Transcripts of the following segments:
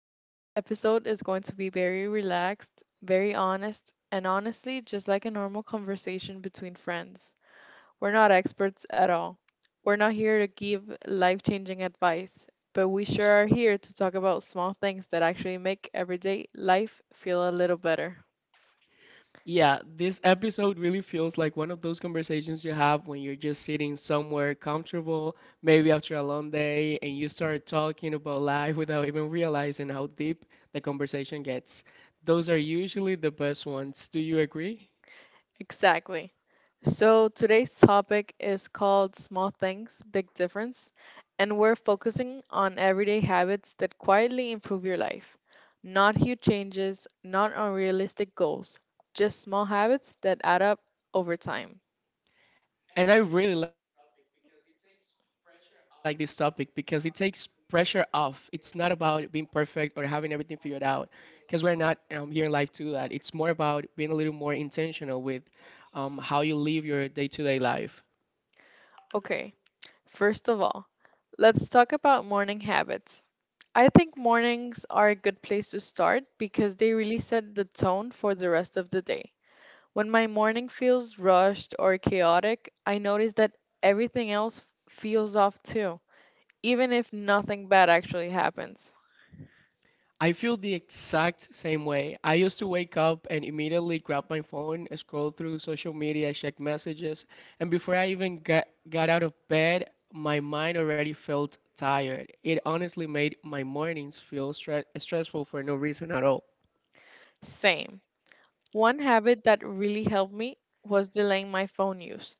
Today's episode is going to be very relaxed, very honest, and honestly, just like a normal conversation between friends. We're not experts at all. We're not here to give life changing advice, but we sure are here to talk about small things that actually make everyday life feel a little better. Yeah, this episode really feels like one of those conversations you have when you're just sitting somewhere comfortable, maybe after a long day, and you start talking about life without even realizing how deep the conversation gets. Those are usually the best ones. Do you agree? Exactly. So today's topic is called Small Things, Big Difference, and we're focusing on everyday habits that quietly improve your life. Not huge changes, not unrealistic goals, just small habits that add up over time. And I really like this topic because it takes pressure off. It's not about being perfect or having everything figured out because we're not here in life to do that. It's more about being a little more intentional with how you live your day-to-day life. Okay, first of all, let's talk about morning habits. I think mornings are a good place to start because they really set the tone for the rest of the day. When my morning feels rushed or chaotic, I notice that everything else feels off too, even if nothing bad actually happens. I feel the exact same way. I used to wake up and immediately grab my phone, scroll through social media, check messages, and before I even got out of bed, my mind already felt tired. It honestly made my mornings feel stressful for no reason at all. Same. One habit that really helped me was delaying my phone use,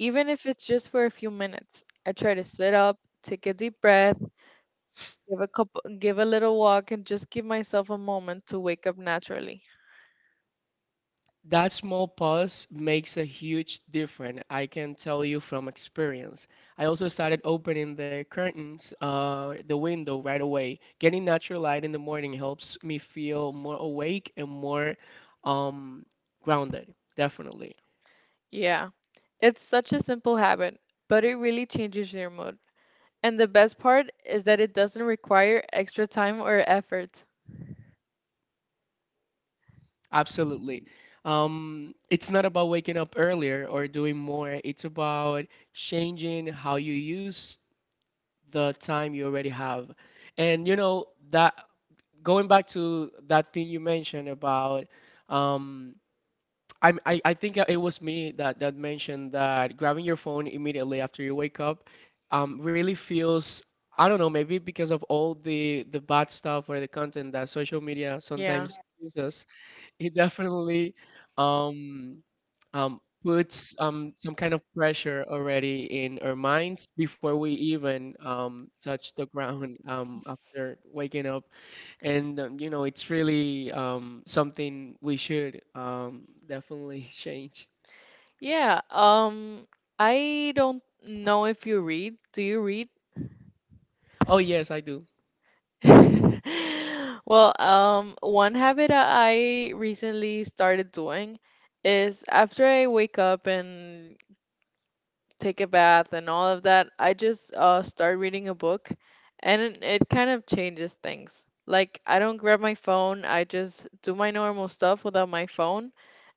even if it's just for a few minutes. I try to sit up, take a deep breath, give a couple, give a little walk, and just give myself a moment to wake up naturally. That small pause makes a huge difference. I can tell you from experience. I also started opening the curtains, the window right away. Getting natural light in the morning helps me feel more awake and more um, grounded. Definitely. Yeah, it's such a simple habit, but it really changes your mood. And the best part is that it doesn't require extra time or effort. Absolutely. It's not about waking up earlier or doing more, it's about changing how you use the time you already have. And you know, that going back to that thing you mentioned about um I think it was me that mentioned that grabbing your phone immediately after you wake up really feels, I don't know, maybe because of all the bad stuff or the content that social media Yeah. sometimes gives us. It definitely um puts some kind of pressure already in our minds before we even touch the ground after waking up. And you know, it's really something we should, definitely change. Yeah, I don't know if you read. Do you read? Oh yes, I do. Well, one habit I recently started doing is after I wake up and take a bath and all of that, I just start reading a book, and it kind of changes things. Like, I don't grab my phone, I just do my normal stuff without my phone.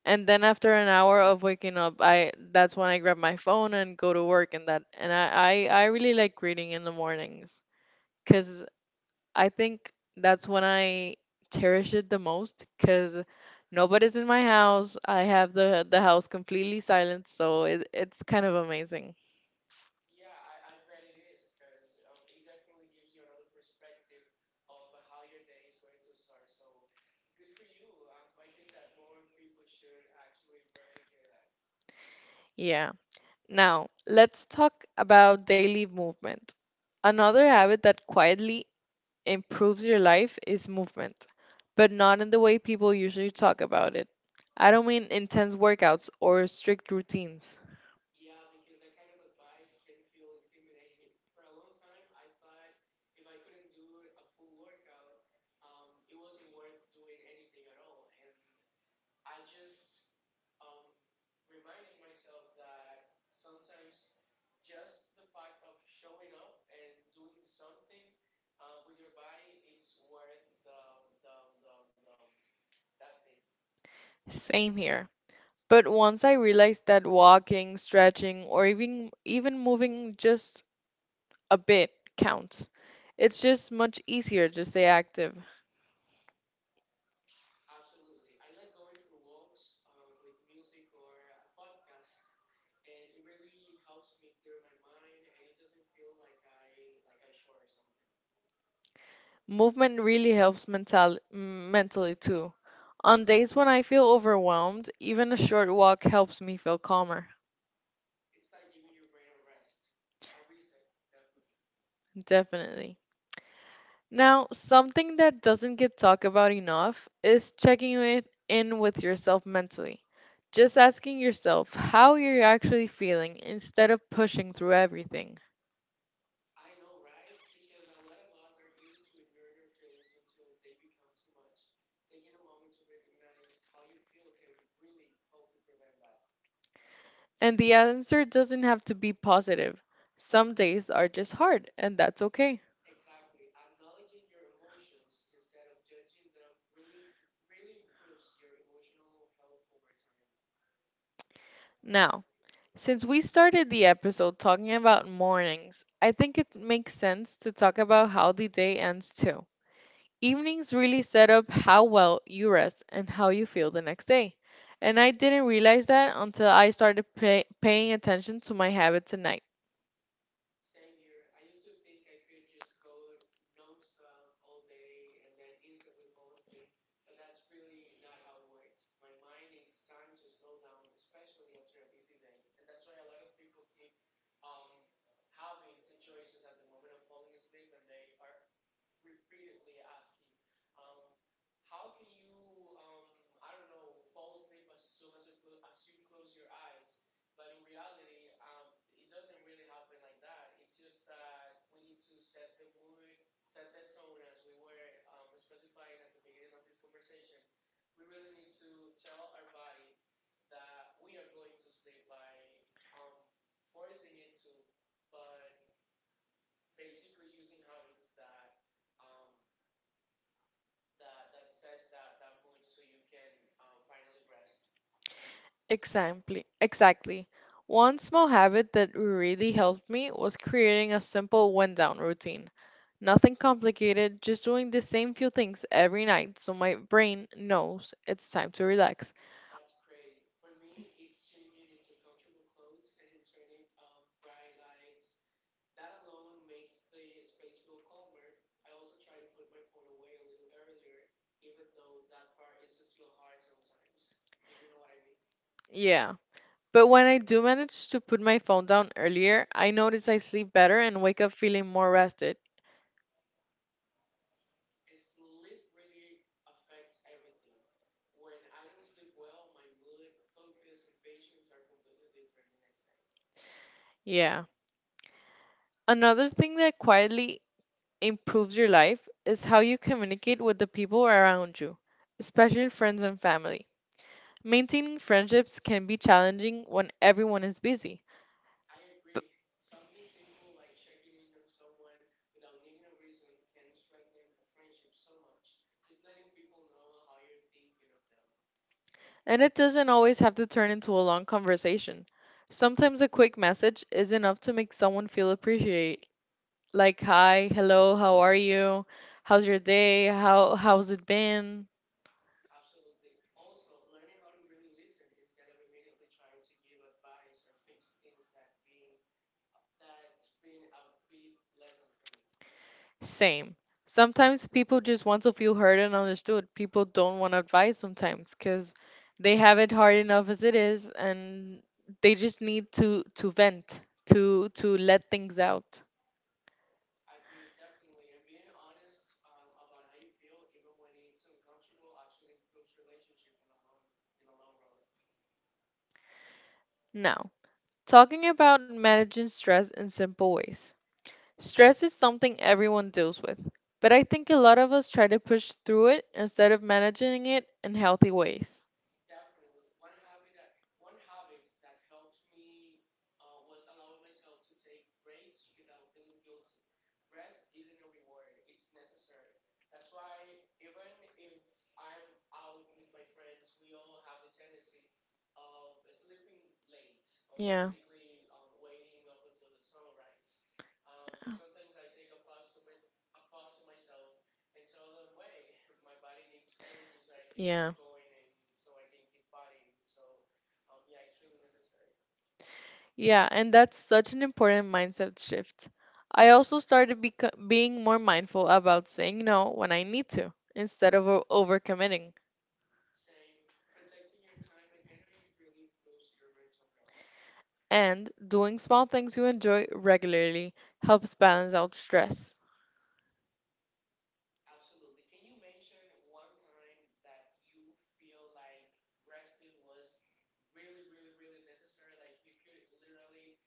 And then after an hour of waking up, I that's when I grab my phone and go to work. And that, and I really like reading in the mornings because I think that's when I cherish it the most, because nobody's in my house. I have the house completely silent, so it's kind of amazing. Yeah, I bet it is, 'cause it definitely gives you another perspective of how your day is going to start. So good for you. I think that more people should actually replicate that. Yeah. Now, let's talk about daily movement. Another habit that quietly improves your life is movement, but not in the way people usually talk about it. I don't mean intense workouts or strict routines. Yeah, because that kind of advice can feel intimidating. For a long time, I thought if I couldn't do a full workout, it wasn't worth doing anything at all. And I just um, reminded myself that sometimes just the fact of showing up and doing something, with your body, it's worth the that thing. Same here. But once I realized that walking, stretching, or even moving just a bit counts, it's just much easier to stay active. Absolutely. I like going for walks, with music or a podcast, and it really helps me clear my mind, and it doesn't feel like I shore or something. Movement really helps mentally too. On days when I feel overwhelmed, even a short walk helps me feel calmer, It's like giving your brain a rest, a reset, definitely. definitely. Now, something that doesn't get talked about enough is checking it in with yourself mentally. Just asking yourself how you're actually feeling instead of pushing through everything. I know, right? Because a lot of us are used to ignoring our feelings until they become too much. Taking a moment to recognize how you feel can really help you prevent that. And the answer doesn't have to be positive. Some days are just hard, and that's okay. Exactly. Acknowledging your emotions instead of judging them really really improves your emotional health over time. Now, since we started the episode talking about mornings, I think it makes sense to talk about how the day ends too. Evenings really set up how well you rest and how you feel the next day. And I didn't realize that until I started paying attention to my habits at night. Same here. I used to think I could just code nonstop all day and then instantly fall asleep, but that's really not how it works. My mind needs time to slow down, especially after a busy day, and that's why a lot of people keep um, having situations at the moment of falling asleep, and they are repeatedly asking, um, how can you, I don't know, fall asleep as soon as you close your eyes? But in reality, it doesn't really happen like that. It's just that we need to set the mood, set the tone, as we were, specifying at the beginning of this conversation. We really need to tell our body that we are going to sleep by um, forcing it to, but basically using habits Um, that set that mood so you can finally rest. Exactly. Exactly. One small habit that really helped me was creating a simple wind down routine. Nothing complicated, just doing the same few things every night so my brain knows it's time to relax. That's great. For me, it's changing into comfortable clothes and turning off bright lights. That alone makes the space feel calmer. I also try to put my phone away a little earlier, even though that part is still hard sometimes, if you know what I mean. Yeah. But when I do manage to put my phone down earlier, I notice I sleep better and wake up feeling more rested. And sleep really affects everything. When I don't sleep well, my mood, focus, and patience are completely different the next day. Yeah. Another thing that quietly improves your life is how you communicate with the people around you, especially friends and family. Maintaining friendships can be challenging when everyone is busy, I b- agree. Something simple like checking in on someone without needing a reason can strengthen a friendship so much. Just letting people know how you're thinking of them. and it doesn't always have to turn into a long conversation. Sometimes a quick message is enough to make someone feel appreciated, like hi, hello, how are you? How's your day? How's it been? Absolutely. Also, learning how to really listen instead of immediately trying to give advice or fix things that been that's been a big lesson for me. Same. Sometimes people just want to feel heard and understood. People don't want advice sometimes because they have it hard enough as it is, and they just need to vent, to let things out. Agreed, definitely. And being honest, about how you feel, even when it's uncomfortable, actually improves relationship in the long run. Now, talking about managing stress in simple ways. Stress is something everyone deals with, but I think a lot of us try to push through it instead of managing it in healthy ways. Definitely. One habit that helped me, was allowing myself to take breaks without feeling guilty. Rest isn't a reward, it's necessary. That's why even if I'm out with my friends, we all have the tendency of sleeping late or Yeah. basically, waiting up until the sunrise. But sometimes I take a pause to myself and tell them, wait, my body needs energy so I can Yeah. keep going and so I can keep partying. So, yeah, it's really necessary. Yeah, and that's such an important mindset shift. I also started being more mindful about saying no when I need to, instead of overcommitting. Same, protecting your time and energy really improves your mental health. And doing small things you enjoy regularly helps balance out stress. Absolutely. Can you mention one time that you feel like resting was really, really, really necessary? Like you could literally,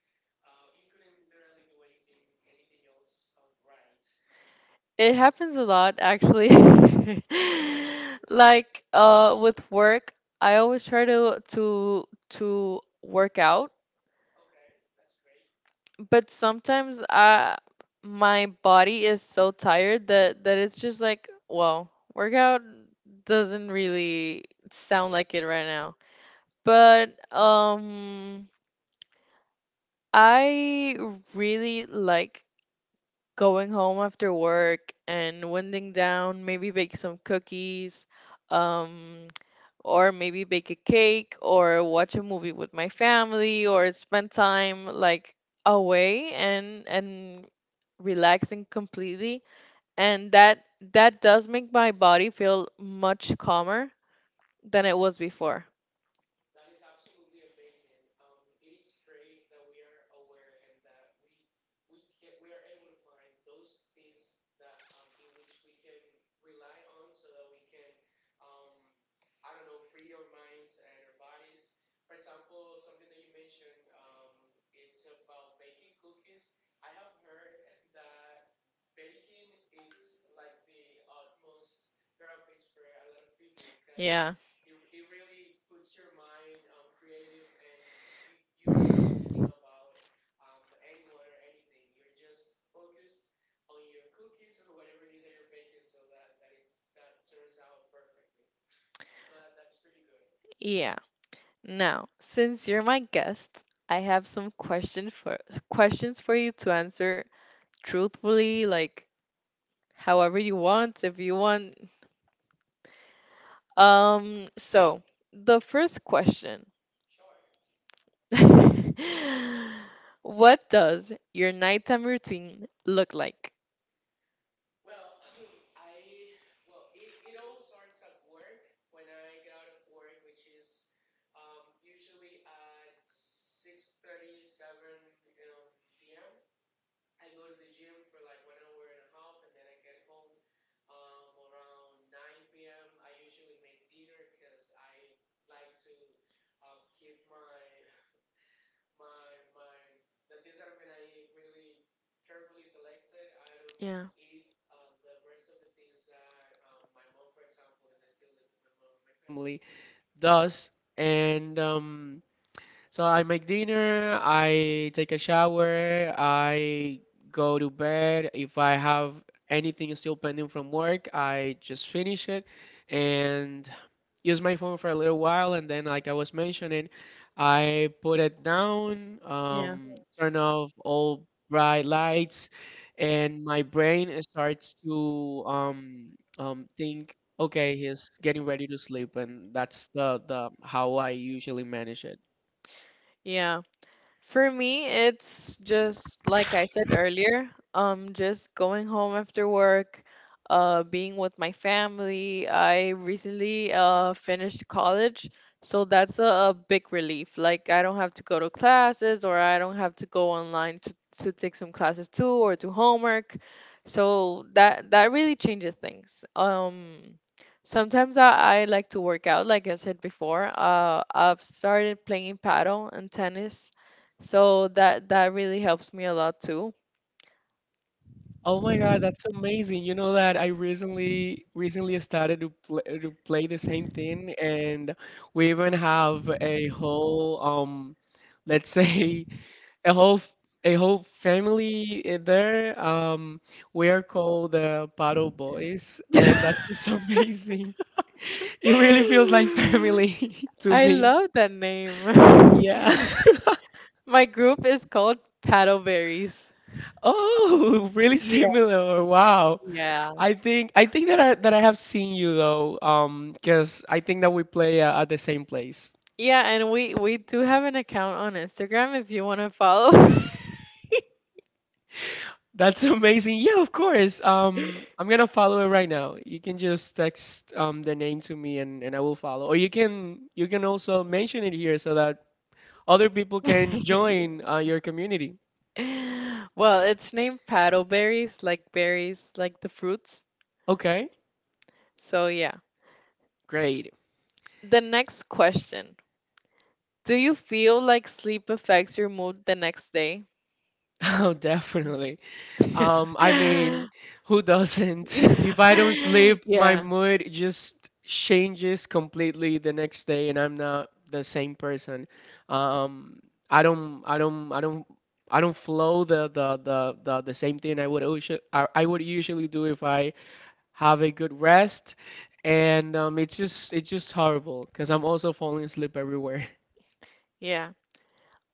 you couldn't literally do anything, anything else, right? It happens a lot, actually. Okay. Like with work, I always try to work out, Okay, that's great. but sometimes I, my body is so tired that it's just like, well, workout doesn't really sound like it right now. But um I really like going home after work and winding down, maybe bake some cookies, um, or maybe bake a cake, or watch a movie with my family, or spend time like away and relaxing completely. And that does make my body feel much calmer than it was before. That is absolutely amazing. It is great that we are aware and that we f- we can we are able to find those things that, in which we can rely on so that we can, um I don't know, free our minds and our bodies. For example, something that you mentioned, it's about baking cookies. I have heard that baking it's like the utmost therapist for a lot of people because Yeah. it really puts your mind, creative, and you are not thinking about anyone or anything. You're just focused on your cookies or whatever it is that you're baking so that that it's that turns out perfectly. So that's pretty good. Yeah. Now, since you're my guest, I have some question for questions for you to answer truthfully, like however you want, if you want. So the first question. Sure. What does your nighttime routine look like? Well, I, well it all starts at work when I get out of work, which is usually at 6:37 p.m. I go to the gym for like 1 hour and a half, and then I get home, around 9 p.m. I usually make dinner because I like to, keep my my the things that I'm gonna eat really carefully selected. I don't Yeah. eat, the rest of the things that, my mom, for example, because I still live with my mom and my family, does. And so I make dinner, I take a shower, I go to bed. If I have anything still pending from work, I just finish it and use my phone for a little while. And then, like I was mentioning, I put it down, Yeah. Turn off all bright lights, and my brain starts to think, okay, he's getting ready to sleep, and that's the how I usually manage it. Yeah. For me, it's just like I said earlier, just going home after work, being with my family. I recently finished college, so that's a big relief. Like I don't have to go to classes, or I don't have to go online to take some classes too, or do homework. So that really changes things. Sometimes I like to work out, like I said before. I've started playing paddle and tennis, so that really helps me a lot too. Oh my God, that's amazing. You know that I recently started to play the same thing, and we even have a whole, let's say a whole f- a whole family there. We are called the Paddle Boys, and that's just amazing. It really feels like family to I me. love that name. Yeah. My group is called Paddleberries. Oh, really Yeah. similar. Wow. Yeah. I think that I have seen you though, because I think that we play, at the same place. Yeah, and we do have an account on Instagram if you want to follow. That's amazing. Yeah, of course. I'm gonna follow it right now. You can just text the name to me and I will follow. Or you can also mention it here so that other people can join, your community. Well, it's named Paddleberries, like berries, like the fruits. Okay, So yeah. S- great. The next question. Do you feel like sleep affects your mood the next day? Oh, definitely. I mean, who doesn't? If I don't sleep, my Yeah, mood just changes completely the next day, and I'm not the same person. Um, I don't, I don't, I don't, I don't flow the same thing I would usually do if I have a good rest, and it's just horrible because I'm also falling asleep everywhere. yeah.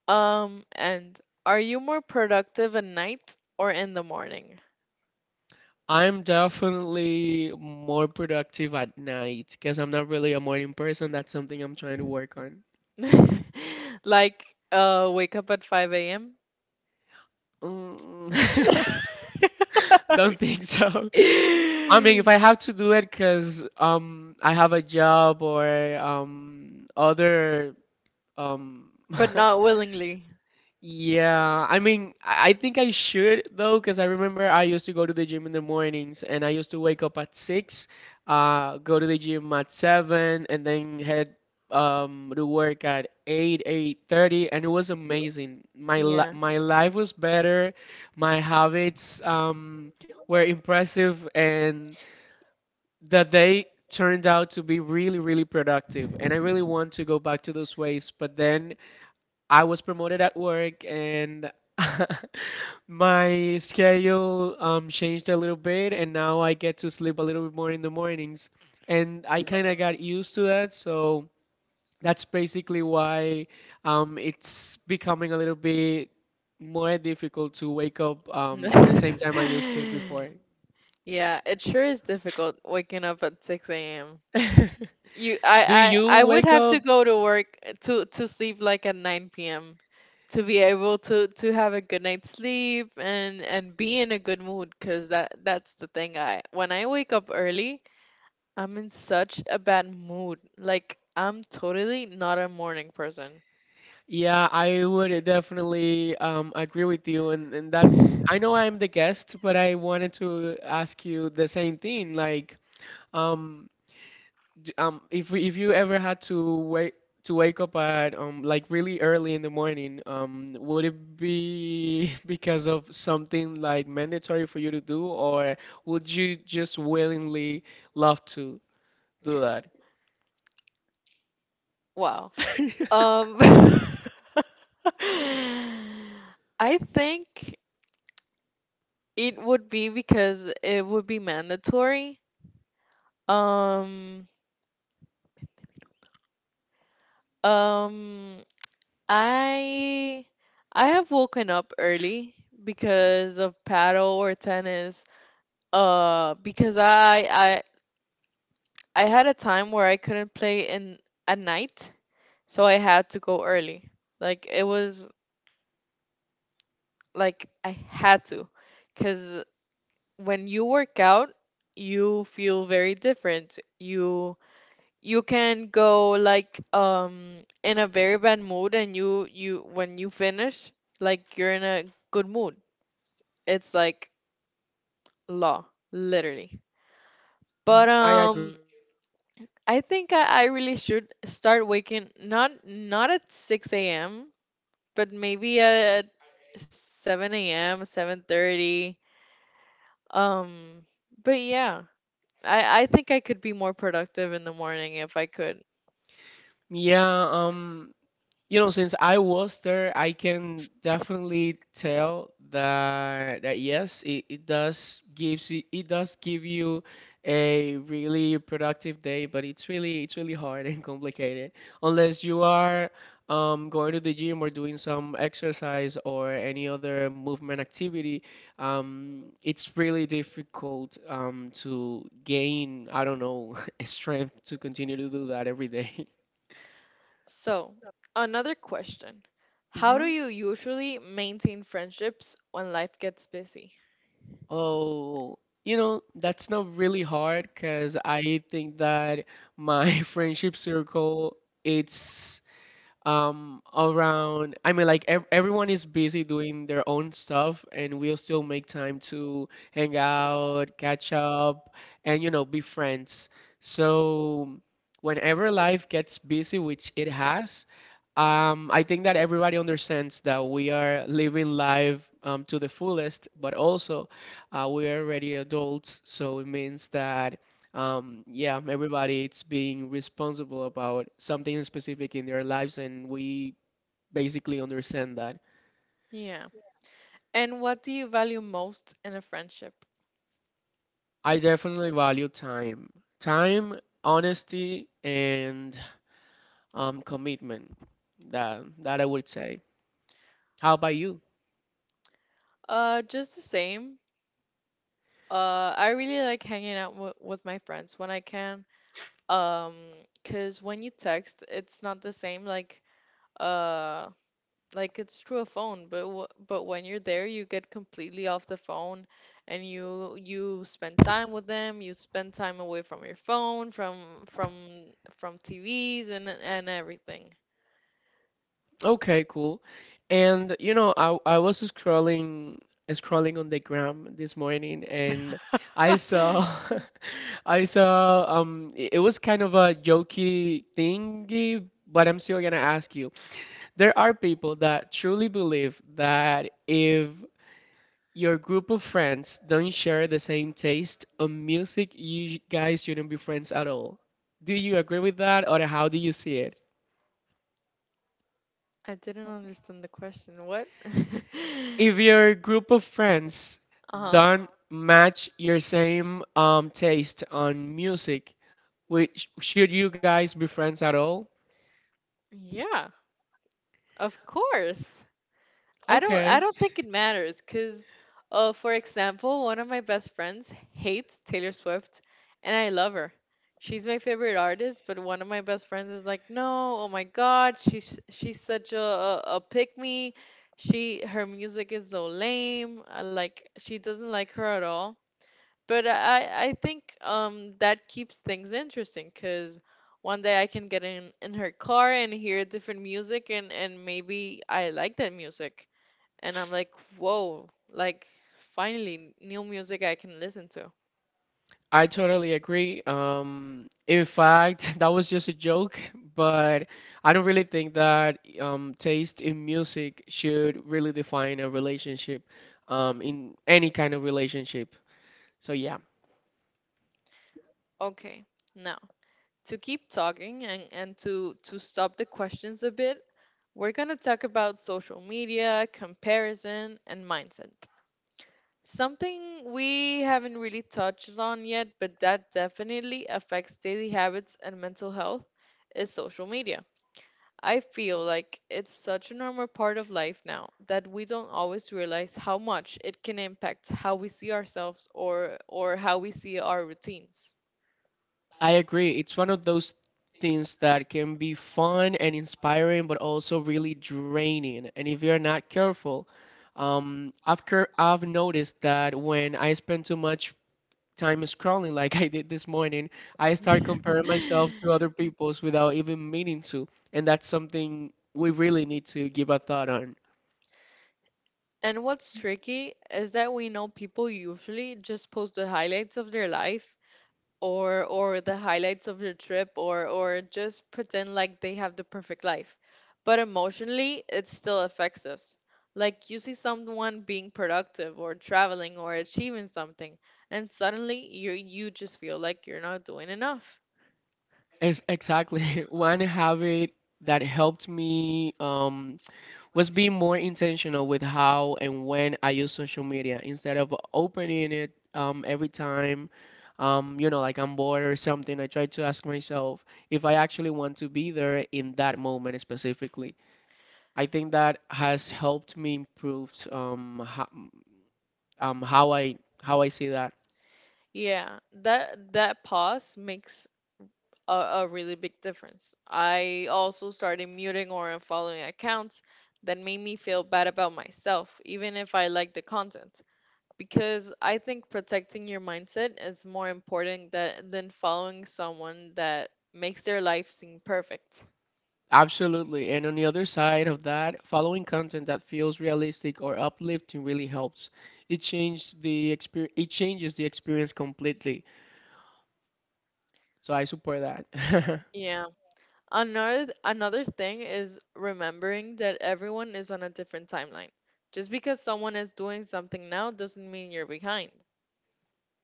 And are you more productive at night or in the morning? I'm definitely more productive at night because I'm not really a morning person. That's something I'm trying to work on. Like, wake up at 5 a.m. Mm, don't think so. I mean, if I have to do it because I have a job or other um But not willingly. Yeah, I mean, I think I should though, because I remember I used to go to the gym in the mornings and I used to wake up at 6, go to the gym at 7, and then head to work at 8, 8:30, and it was amazing. My Yeah. li- my life was better, my habits were impressive, and the day turned out to be really, really productive. And I really want to go back to those ways, but then I was promoted at work and my schedule changed a little bit, and now I get to sleep a little bit more in the mornings, and I kind of got used to that. So that's basically why it's becoming a little bit more difficult to wake up at the same time I used to before. Yeah, it sure is difficult waking up at 6 a.m. You, Do I, you I, I would wake have up? to go to work to sleep like at 9 p.m. to be able to have a good night's sleep and be in a good mood, because that's the thing. I When I wake up early, I'm in such a bad mood. Like I'm totally not a morning person. Yeah, I would definitely agree with you, and that's, I know I'm the guest, but I wanted to ask you the same thing. Um, if you ever had to wait to wake up at like really early in the morning, would it be because of something like mandatory for you to do, or would you just willingly love to do that? Wow. Um, I think it would be because it would be mandatory. Um, um, I I have woken up early because of paddle or tennis. Because I had a time where I couldn't play in at night, so I had to go early. Like it was like I had to, because when you work out, you feel very different. You can go like in a very bad mood, and you when you finish, like you're in a good mood. It's like law, literally. But I agree with you. I think I really should start waking not not at six a.m. but maybe at At eight? seven a.m., seven Okay. thirty. Um, but yeah, I think I could be more productive in the morning if I could. Yeah, you know, since I was there, I can definitely tell that yes, it does gives you, it does give you a really productive day, but it's really, it's really hard and complicated unless you are going to the gym or doing some exercise or any other movement activity. It's really difficult to gain, I don't know, strength to continue to do that every day. So another question: how do you usually maintain friendships when life gets busy? Oh, you know, that's not really hard because I think that my friendship circle, it's around, I mean, like everyone is busy doing their own stuff, and we'll still make time to hang out, catch up, and you know, be friends. So whenever life gets busy, which it has, I think that everybody understands that we are living life to the fullest, but also we are already adults, so it means that yeah, everybody it's being responsible about something specific in their lives, and we basically understand that. Yeah, and what do you value most in a friendship? I definitely value time, time, honesty, and commitment. That I would say. How about you? Just the same. I really like hanging out w with my friends when I can. Um, 'Cause when you text, it's not the same. Uh, like it's through a phone, but w but when you're there, you get completely off the phone, and you spend time with them. You spend time away from your phone, from TVs and everything. Okay, cool. And you know, I was scrolling on the gram this morning, and I saw I saw it was kind of a jokey thingy, but I'm still gonna ask you. There are people that truly believe that if your group of friends don't share the same taste on music, you guys shouldn't be friends at all. Do you agree with that, or how do you see it? I didn't understand the question. What? If your group of friends Uh-huh. don't match your same taste on music, which should you guys be friends at all? Yeah. Of course. Okay, I don't think it matters, cuz for example, one of my best friends hates Taylor Swift and I love her. She's my favorite artist, but one of my best friends is like, "No, oh my god, she's such a pick me. She Her music is so lame. I like, she doesn't like her at all." But I think that keeps things interesting because one day I can get in her car and hear different music, and maybe I like that music, and I'm like, whoa, like finally new music I can listen to. I totally agree. In fact, that was just a joke, but I don't really think that taste in music should really define a relationship, in any kind of relationship. So yeah. Okay, now to keep talking, and to stop the questions a bit, we're gonna talk about social media, comparison, and mindset. Something we haven't really touched on yet, but that definitely affects daily habits and mental health, is social media. I feel like it's such a normal part of life now that we don't always realize how much it can impact how we see ourselves or how we see our routines. I agree. It's one of those things that can be fun and inspiring, but also really draining. And if you're not careful, I've noticed that when I spend too much time scrolling, like I did this morning, I start comparing myself to other people's without even meaning to, and that's something we really need to give a thought on. And what's tricky is that we know people usually just post the highlights of their life or the highlights of your trip or just pretend like they have the perfect life. But emotionally, it still affects us. Like you see someone being productive or traveling or achieving something, and suddenly you just feel like you're not doing enough. Ex exactly. One habit that helped me was being more intentional with how and when I use social media, instead of opening it every time. You know, like I'm bored or something. I try to ask myself if I actually want to be there in that moment specifically. I think that has helped me improve um, how I how I see that. Yeah, that pause makes a really big difference. I also started muting or unfollowing accounts that made me feel bad about myself, even if I liked the content, because I think protecting your mindset is more important than following someone that makes their life seem perfect. Absolutely. And on the other side of that, following content that feels realistic or uplifting really helps. It changes the experience completely. So I support that. Yeah. Another thing is remembering that everyone is on a different timeline. Just because someone is doing something now doesn't mean you're behind.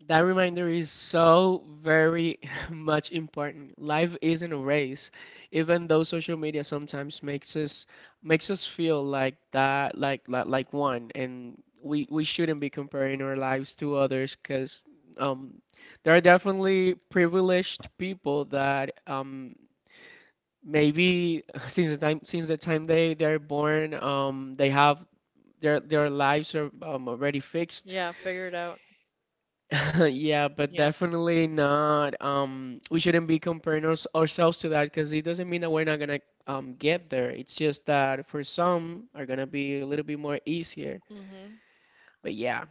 That reminder is so very much important. Life isn't a race, even though social media sometimes makes us feel like that, like one, and we shouldn't be comparing our lives to others because um, there are definitely privileged people that maybe since the time they they're born they have their lives are already fixed. Yeah, figure it out. Yeah, but Yeah. definitely not. We shouldn't be comparing ourselves to that, because it doesn't mean that we're not gonna get there. It's just that for some are gonna be a little bit more easier. Mm-hmm. But yeah,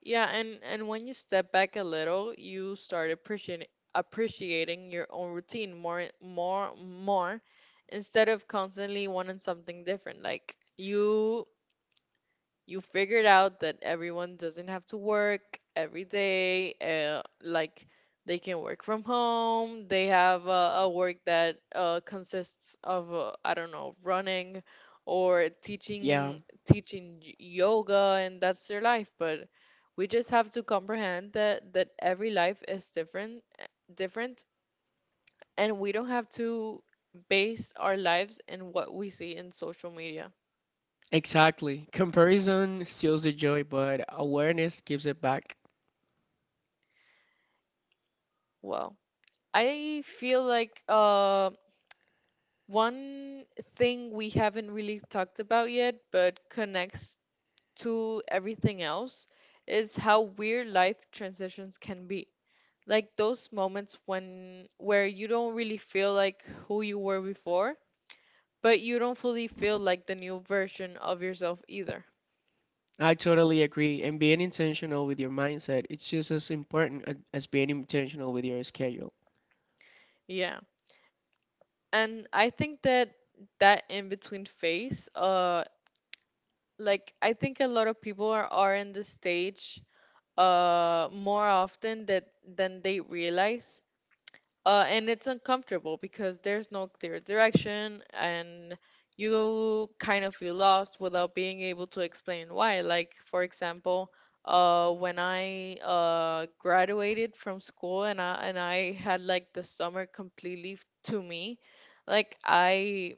Yeah, and when you step back a little, you start appreciating your own routine more instead of constantly wanting something different. Like you figured out that everyone doesn't have to work every day, like they can work from home. They have a work that consists of, I don't know, running or yeah, teaching, teaching yoga, and that's their life. But we just have to comprehend that every life is different, different, and we don't have to base our lives in what we see in social media. exactly. Comparison steals the joy, but awareness gives it back. Well, I feel like one thing we haven't really talked about yet, but connects to everything else, is how weird life transitions can be. Like those moments when, where you don't really feel like who you were before, but you don't fully feel like the new version of yourself either. I totally agree. And being intentional with your mindset, it's just as important as being intentional with your schedule. Yeah. And I think that in between phase, like I think a lot of people are in the stage more often that than they realize, and it's uncomfortable because there's no clear direction, and you kind of feel lost without being able to explain why. Like for example, when I graduated from school and I had like the summer completely to me, like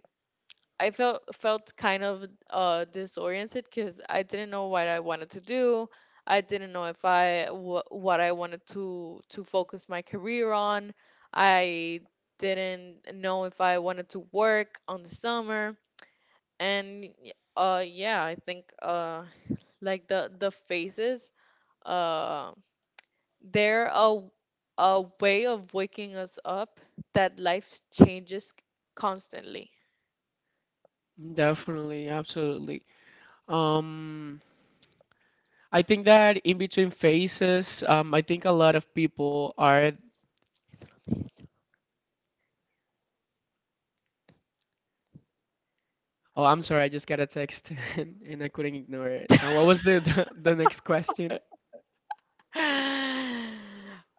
I felt kind of disoriented because I didn't know what I wanted to do. I didn't know if I what I wanted to focus my career on. I didn't know if I wanted to work on the summer. And yeah, I think like the phases, uh they're a way of waking us up that life changes constantly. Definitely, absolutely. Um, I think that in between phases, I think a lot of people are. Oh, I'm sorry, I just got a text and I couldn't ignore it. What was the, the next question?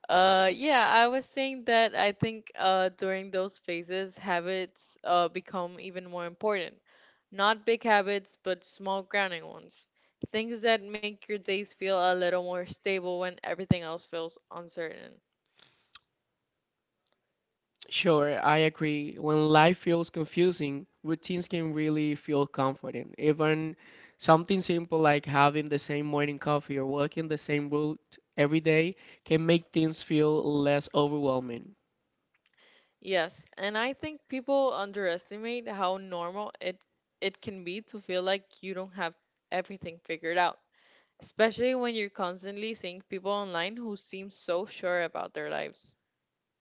Yeah, I was saying that I think, during those phases, habits become even more important. Not big habits, but small grounding ones. Things that make your days feel a little more stable when everything else feels uncertain. Sure, I agree. When life feels confusing, routines can really feel comforting. Even something simple, like having the same morning coffee or walking the same route every day, can make things feel less overwhelming. Yes, and I think people underestimate how normal it can be to feel like you don't have everything figured out, especially when you're constantly seeing people online who seem so sure about their lives.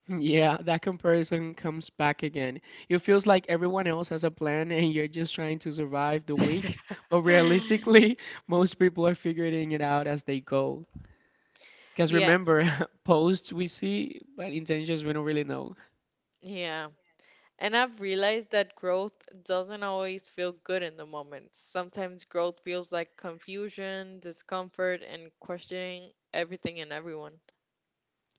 Yeah, that comparison comes back again. It feels like everyone else has a plan and you're just trying to survive the week. But realistically, most people are figuring it out as they go. Because Yeah, remember, posts we see, but intentions we don't really know. yeah. And I've realized that growth doesn't always feel good in the moment. Sometimes growth feels like confusion, discomfort, and questioning everything and everyone.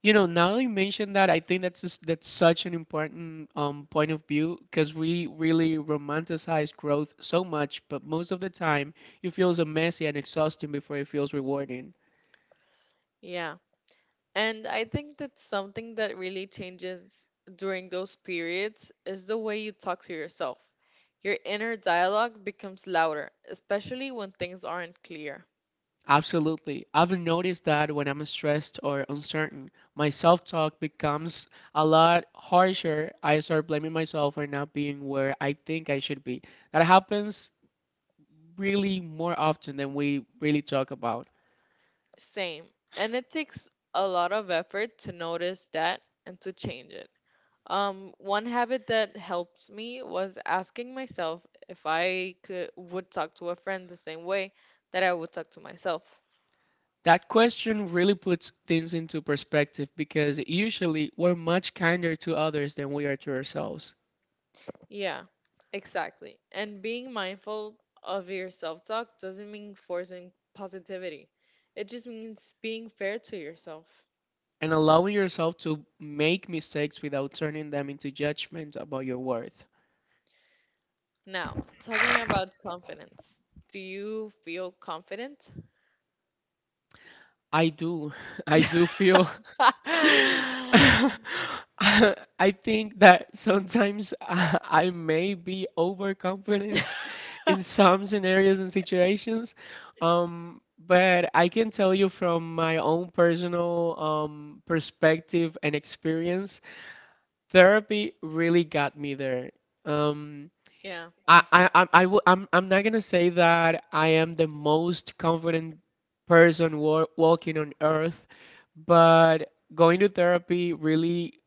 You know, now that you mentioned that, I think that's such an important point of view, because we really romanticize growth so much, but most of the time it feels messy and exhausting before it feels rewarding. Yeah. And I think that something that really changes during those periods is the way you talk to yourself. Your inner dialogue becomes louder, especially when things aren't clear. Absolutely. I've noticed that when I'm stressed or uncertain, my self-talk becomes a lot harsher. I start blaming myself for not being where I think I should be. That happens really more often than we really talk about. Same. And it takes a lot of effort to notice that and to change it. One habit that helps me was asking myself if I could would talk to a friend the same way that I would talk to myself. That question really puts things into perspective, because usually we're much kinder to others than we are to ourselves. Yeah, exactly. And being mindful of your self-talk doesn't mean forcing positivity. It just means being fair to yourself. And allowing yourself to make mistakes without turning them into judgment about your worth. Now, talking about confidence. Do you feel confident? I do. I do feel I think that sometimes I may be overconfident in some scenarios and situations, um, but I can tell you from my own personal perspective and experience, therapy really got me there. Um, Yeah. I, I'm, I w- I'm not gonna say that I am the most confident person walking on earth, but going to therapy really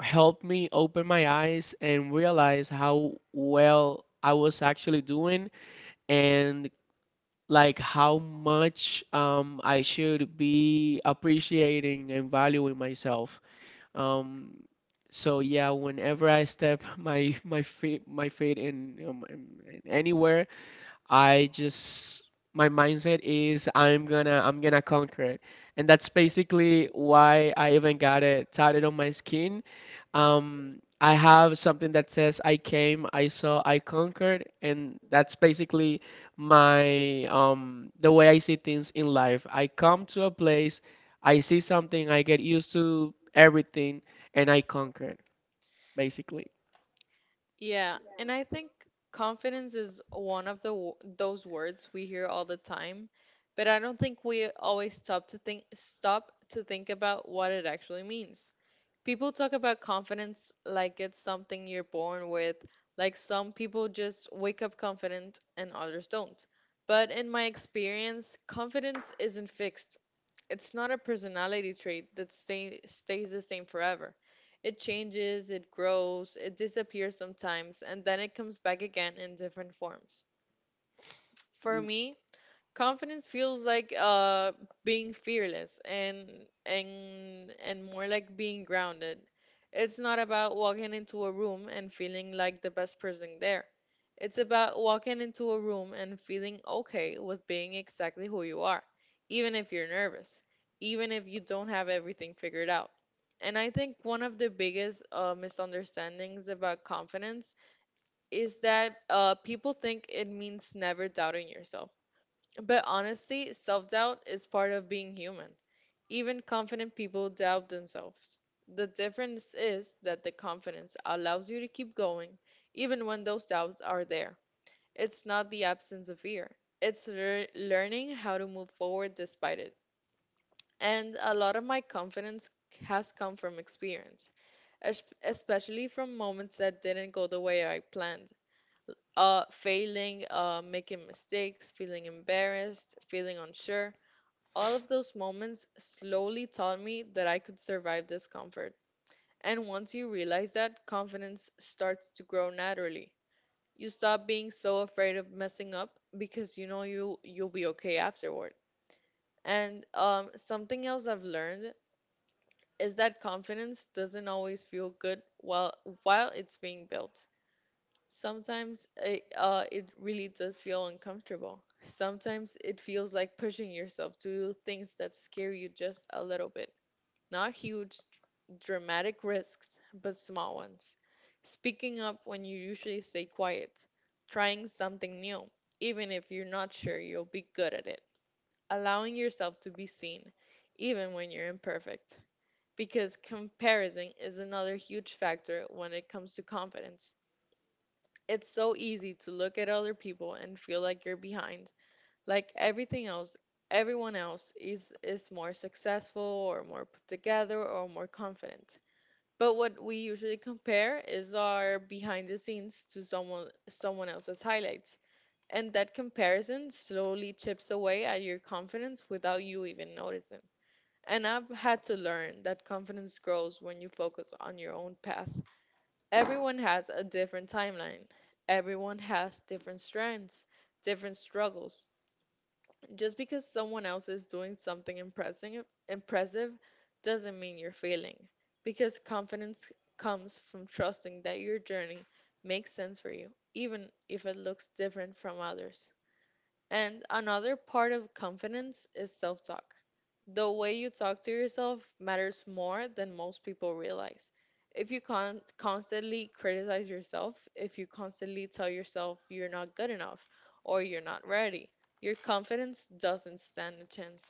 helped me open my eyes and realize how well I was actually doing, and like how much I should be appreciating and valuing myself. Um, so yeah, whenever I step my feet in, in anywhere, I just my mindset is I'm gonna conquer it, and that's basically why I even got it tatted on my skin. I have something that says I came, I saw, I conquered, and that's basically my the way I see things in life. I come to a place, I see something, I get used to everything, and I conquer it, basically. Yeah, and I think confidence is one of those words we hear all the time, but I don't think we always stop to think about what it actually means. People talk about confidence like it's something you're born with, like some people just wake up confident and others don't. But in my experience, confidence isn't fixed. It's not a personality trait that stays the same forever. It changes, it grows, it disappears sometimes, and then it comes back again in different forms. For me, confidence feels like, being fearless, and and more like being grounded. It's not about walking into a room and feeling like the best person there. It's about walking into a room and feeling okay with being exactly who you are, even if you're nervous, even if you don't have everything figured out. And I think one of the biggest, misunderstandings about confidence is that, people think it means never doubting yourself. But honestly, self doubt is part of being human. Even confident people doubt themselves. The difference is that the confidence allows you to keep going even when those doubts are there. It's not the absence of fear, it's learning how to move forward despite it. And a lot of my confidence has come from experience, especially from moments that didn't go the way I planned. Failing, making mistakes, feeling embarrassed, feeling unsure, all of those moments slowly taught me that I could survive discomfort. And once you realize that, confidence starts to grow naturally. You stop being so afraid of messing up because you know you'll be okay afterward. And something else I've learned is that confidence doesn't always feel good while it's being built. Sometimes it, it really does feel uncomfortable. Sometimes it feels like pushing yourself to do things that scare you just a little bit. Not huge, dramatic risks, but small ones. Speaking up when you usually stay quiet. Trying something new, even if you're not sure you'll be good at it. Allowing yourself to be seen, even when you're imperfect. Because comparison is another huge factor when it comes to confidence. It's so easy to look at other people and feel like you're behind. Like everything else, everyone else is more successful or more put together or more confident. But what we usually compare is our behind the scenes to someone else's highlights. And that comparison slowly chips away at your confidence without you even noticing. And I've had to learn that confidence grows when you focus on your own path. Everyone has a different timeline. Everyone has different strengths, different struggles. Just because someone else is doing something impressive doesn't mean you're failing. Because confidence comes from trusting that your journey makes sense for you, even if it looks different from others. And another part of confidence is self talk. The way you talk to yourself matters more than most people realize. If you constantly criticize yourself, if you constantly tell yourself you're not good enough or you're not ready, your confidence doesn't stand a chance.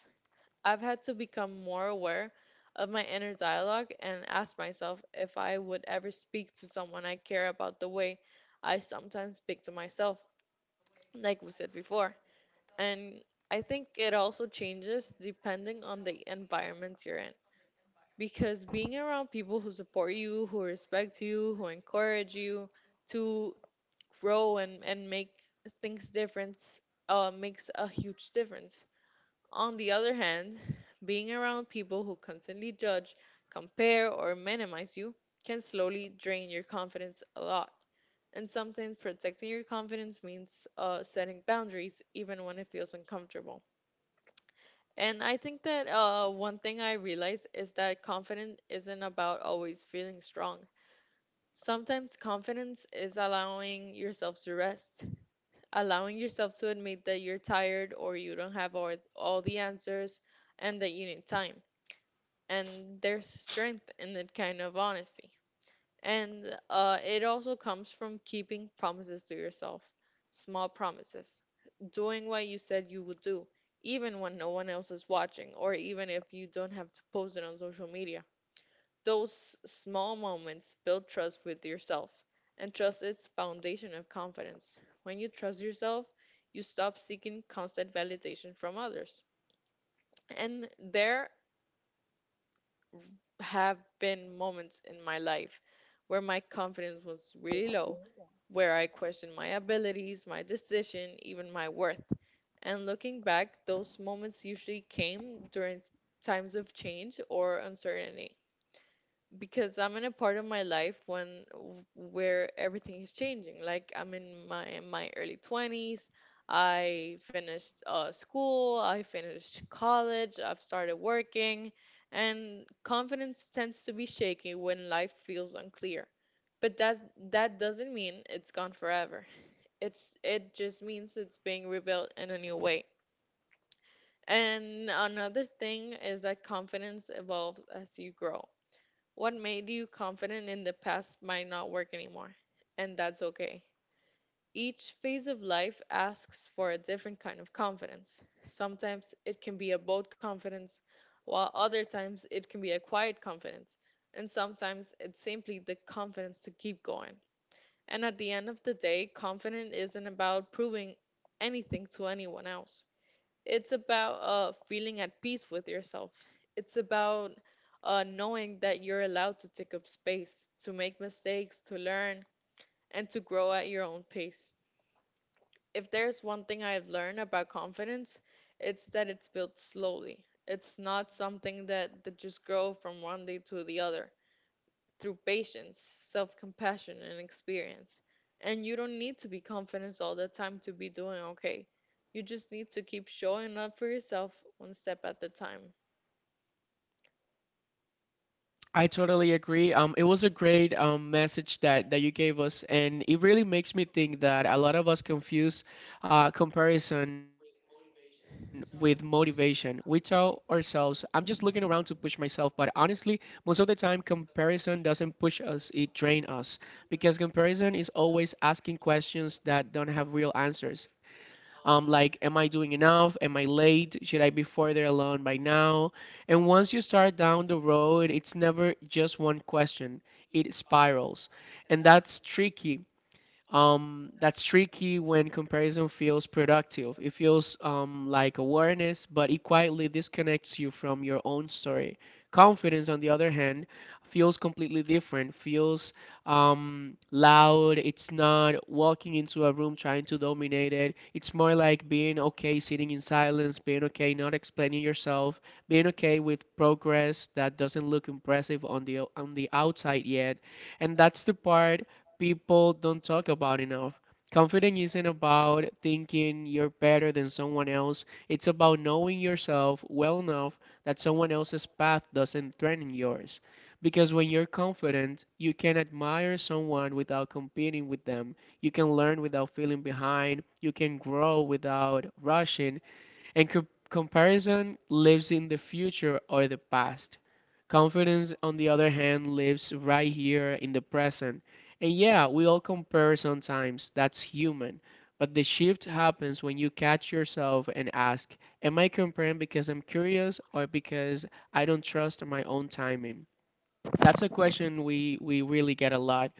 I've had to become more aware of my inner dialogue and ask myself if I would ever speak to someone I care about the way I sometimes speak to myself, like we said before. And I think it also changes depending on the environment you're in. Because being around people who support you, who respect you, who encourage you to grow, and make things different, makes a huge difference. On the other hand, being around people who constantly judge, compare, or minimize you can slowly drain your confidence a lot. And sometimes protecting your confidence means, setting boundaries even when it feels uncomfortable. And I think that, one thing I realized is that confidence isn't about always feeling strong. Sometimes confidence is allowing yourself to rest, allowing yourself to admit that you're tired or you don't have all the answers and that you need time. And there's strength in that kind of honesty. And, it also comes from keeping promises to yourself, small promises, doing what you said you would do, even when no one else is watching, or even if you don't have to post it on social media. Those small moments build trust with yourself, and trust is foundation of confidence. When you trust yourself, you stop seeking constant validation from others. And there have been moments in my life where my confidence was really low, where I questioned my abilities, my decision, even my worth. And looking back, those moments usually came during times of change or uncertainty, because I'm in a part of my life when where everything is changing. Like I'm in my early 20s. I finished, school, I finished college, I've started working, and confidence tends to be shaky when life feels unclear. But that doesn't mean it's gone forever. It just means it's being rebuilt in a new way. And another thing is that confidence evolves as you grow. What made you confident in the past might not work anymore, and that's okay. Each phase of life asks for a different kind of confidence. Sometimes it can be a bold confidence, while other times it can be a quiet confidence, and sometimes it's simply the confidence to keep going. And at the end of the day, confidence isn't about proving anything to anyone else. It's about, feeling at peace with yourself. It's about, knowing that you're allowed to take up space, to make mistakes, to learn, and to grow at your own pace. If there's one thing I've learned about confidence, it's that it's built slowly. It's not something that just grow from one day to the other through patience, self compassion, and experience. And you don't need to be confident all the time to be doing okay. You just need to keep showing up for yourself one step at a time. I totally agree. It was a great message that you gave us, and it really makes me think that a lot of us confuse comparison with motivation. We tell ourselves, I'm just looking around to push myself, but honestly, most of the time, comparison doesn't push us, it drains us, because comparison is always asking questions that don't have real answers, like, am I doing enough? Am I late? Should I be further along by now? And once you start down the road, it's never just one question, it spirals. And that's tricky, that's tricky when comparison feels productive. It feels like awareness, but it quietly disconnects you from your own story. Confidence, on the other hand, feels completely different, feels loud. It's not walking into a room trying to dominate it. It's more like being okay sitting in silence, being okay not explaining yourself, being okay with progress that doesn't look impressive on the outside yet. And that's the part people don't talk about enough. Confidence isn't about thinking you're better than someone else. It's about knowing yourself well enough that someone else's path doesn't threaten yours. Because when you're confident, you can admire someone without competing with them. You can learn without feeling behind. You can grow without rushing. And comparison lives in the future or the past. Confidence, on the other hand, lives right here in the present. And yeah, we all compare sometimes, that's human. But the shift happens when you catch yourself and ask, am I comparing because I'm curious, or because I don't trust my own timing? That's a question we really get a lot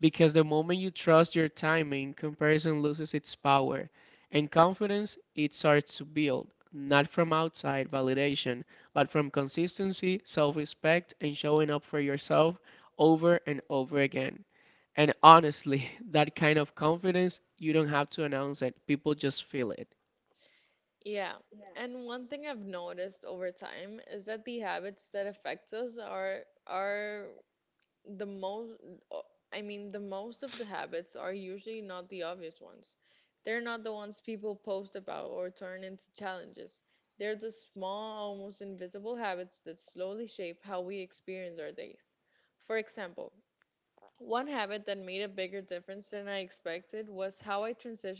because the moment you trust your timing, comparison loses its power and confidence it starts to build, not from outside validation, but from consistency, self-respect and showing up for yourself over and over again. And honestly, that kind of confidence, you don't have to announce it. People just feel it. Yeah. And one thing I've noticed over time is that the habits that affect us are the most o- the most of the habits are usually not the obvious ones. They're not the ones people post about or turn into challenges. They're the small, almost invisible habits that slowly shape how we experience our days. For example, one habit that made a bigger difference than I expected was how I transitioned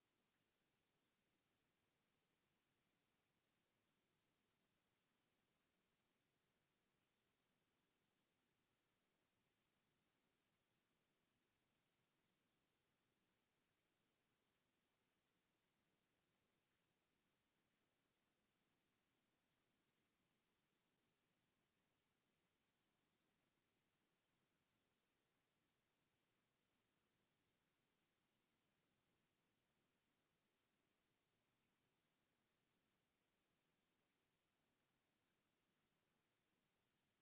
You know that now that you mention all those small but big habits at the same time, I think that's precisely what changed my confidence. Those small ones, boring ones, honestly can really get the best out of you because confidence doesn't show up at first. It's built quietly in the background when no one's watching. One of the biggest habits I had to change was how I started my day, and I think we've talked about that in the beginning of the conversation how something so small can make a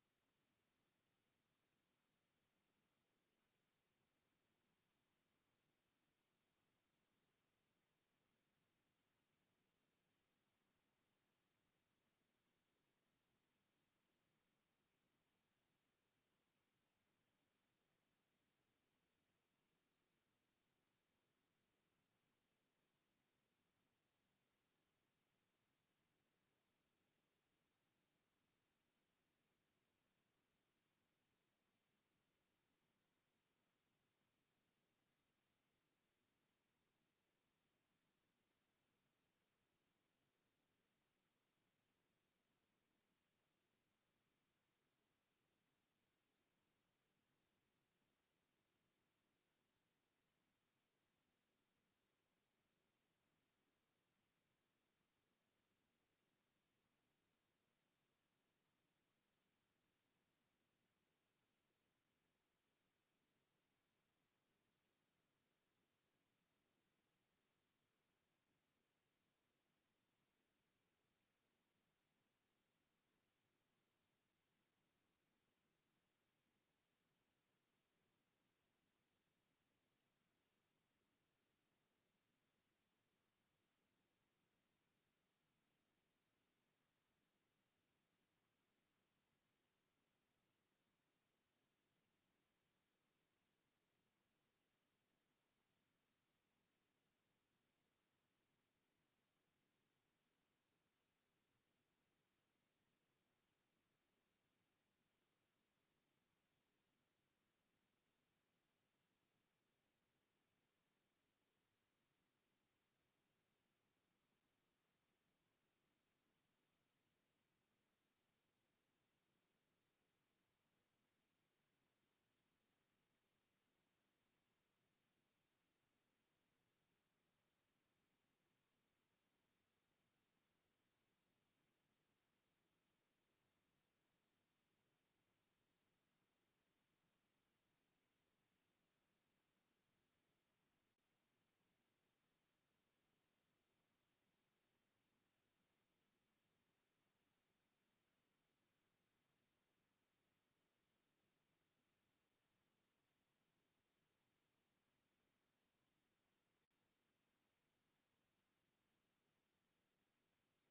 that big of an impact. Um, if the first thing you do, once again, is grab your phone and start consuming everyone else's life, you're already in comparison mode before your feet hit the floor. So I started delaying that even 10 minutes, just enough time to remind myself I get to set the tone today. Another habit that matters more than people admit, keeping small promises to yourself, not the dramatic ones. I mean things like I said I'd go for a walk, I said I'd finish the task, I said I'd rest. Every time you keep one of those, you're telling your brain, I can trust myself, and confidence is literally built on self-trust. There's also the habit of how you talk to yourself when you mess up, and we also discussed about that previously and how not to be that harsh to yourself because you will mess up. That's parts, that part is guaranteed. The difference is whether your inner voice sounds like a coach or a critic. Instead of, wow, I always ruin things, it becomes, okay, that didn't go how I wanted to. What's the lesson? That shift alone changes your posture, energy, and how you show up next time to yourself. Another big one for me was reducing unnecessary explanations. I used to over explain everything, my choices, my boundaries, my peace, and I realized the more confident you become, the fewer risks, the fewer receipts you feel to need to provide to. So I practice saying things like, "That's work. This works for me. I'm not available for that. I'll get back to you." Now, no justification, no apology, just clarity. And then there's consistency, not intensity. Confidence doesn't come from doing something perfectly once. It comes from showing up imperfectly, repeatedly, going to the gym even when you don't feel strong, posting the content even when it's not flawless, speaking up even when your voice shakes a little. Each rep is a vote. The each rep, I'm sorry, is a vote for the person you're becoming. And here's the thing people don't like to hear. You can't think your way into confidence. You have to act your way into it. Action first, feeling second. So yeah, confidence isn't about comparing yourselves yourself less. It's about building a life that gives you less reason to doubt yourself. And that starts with habits, one at a time.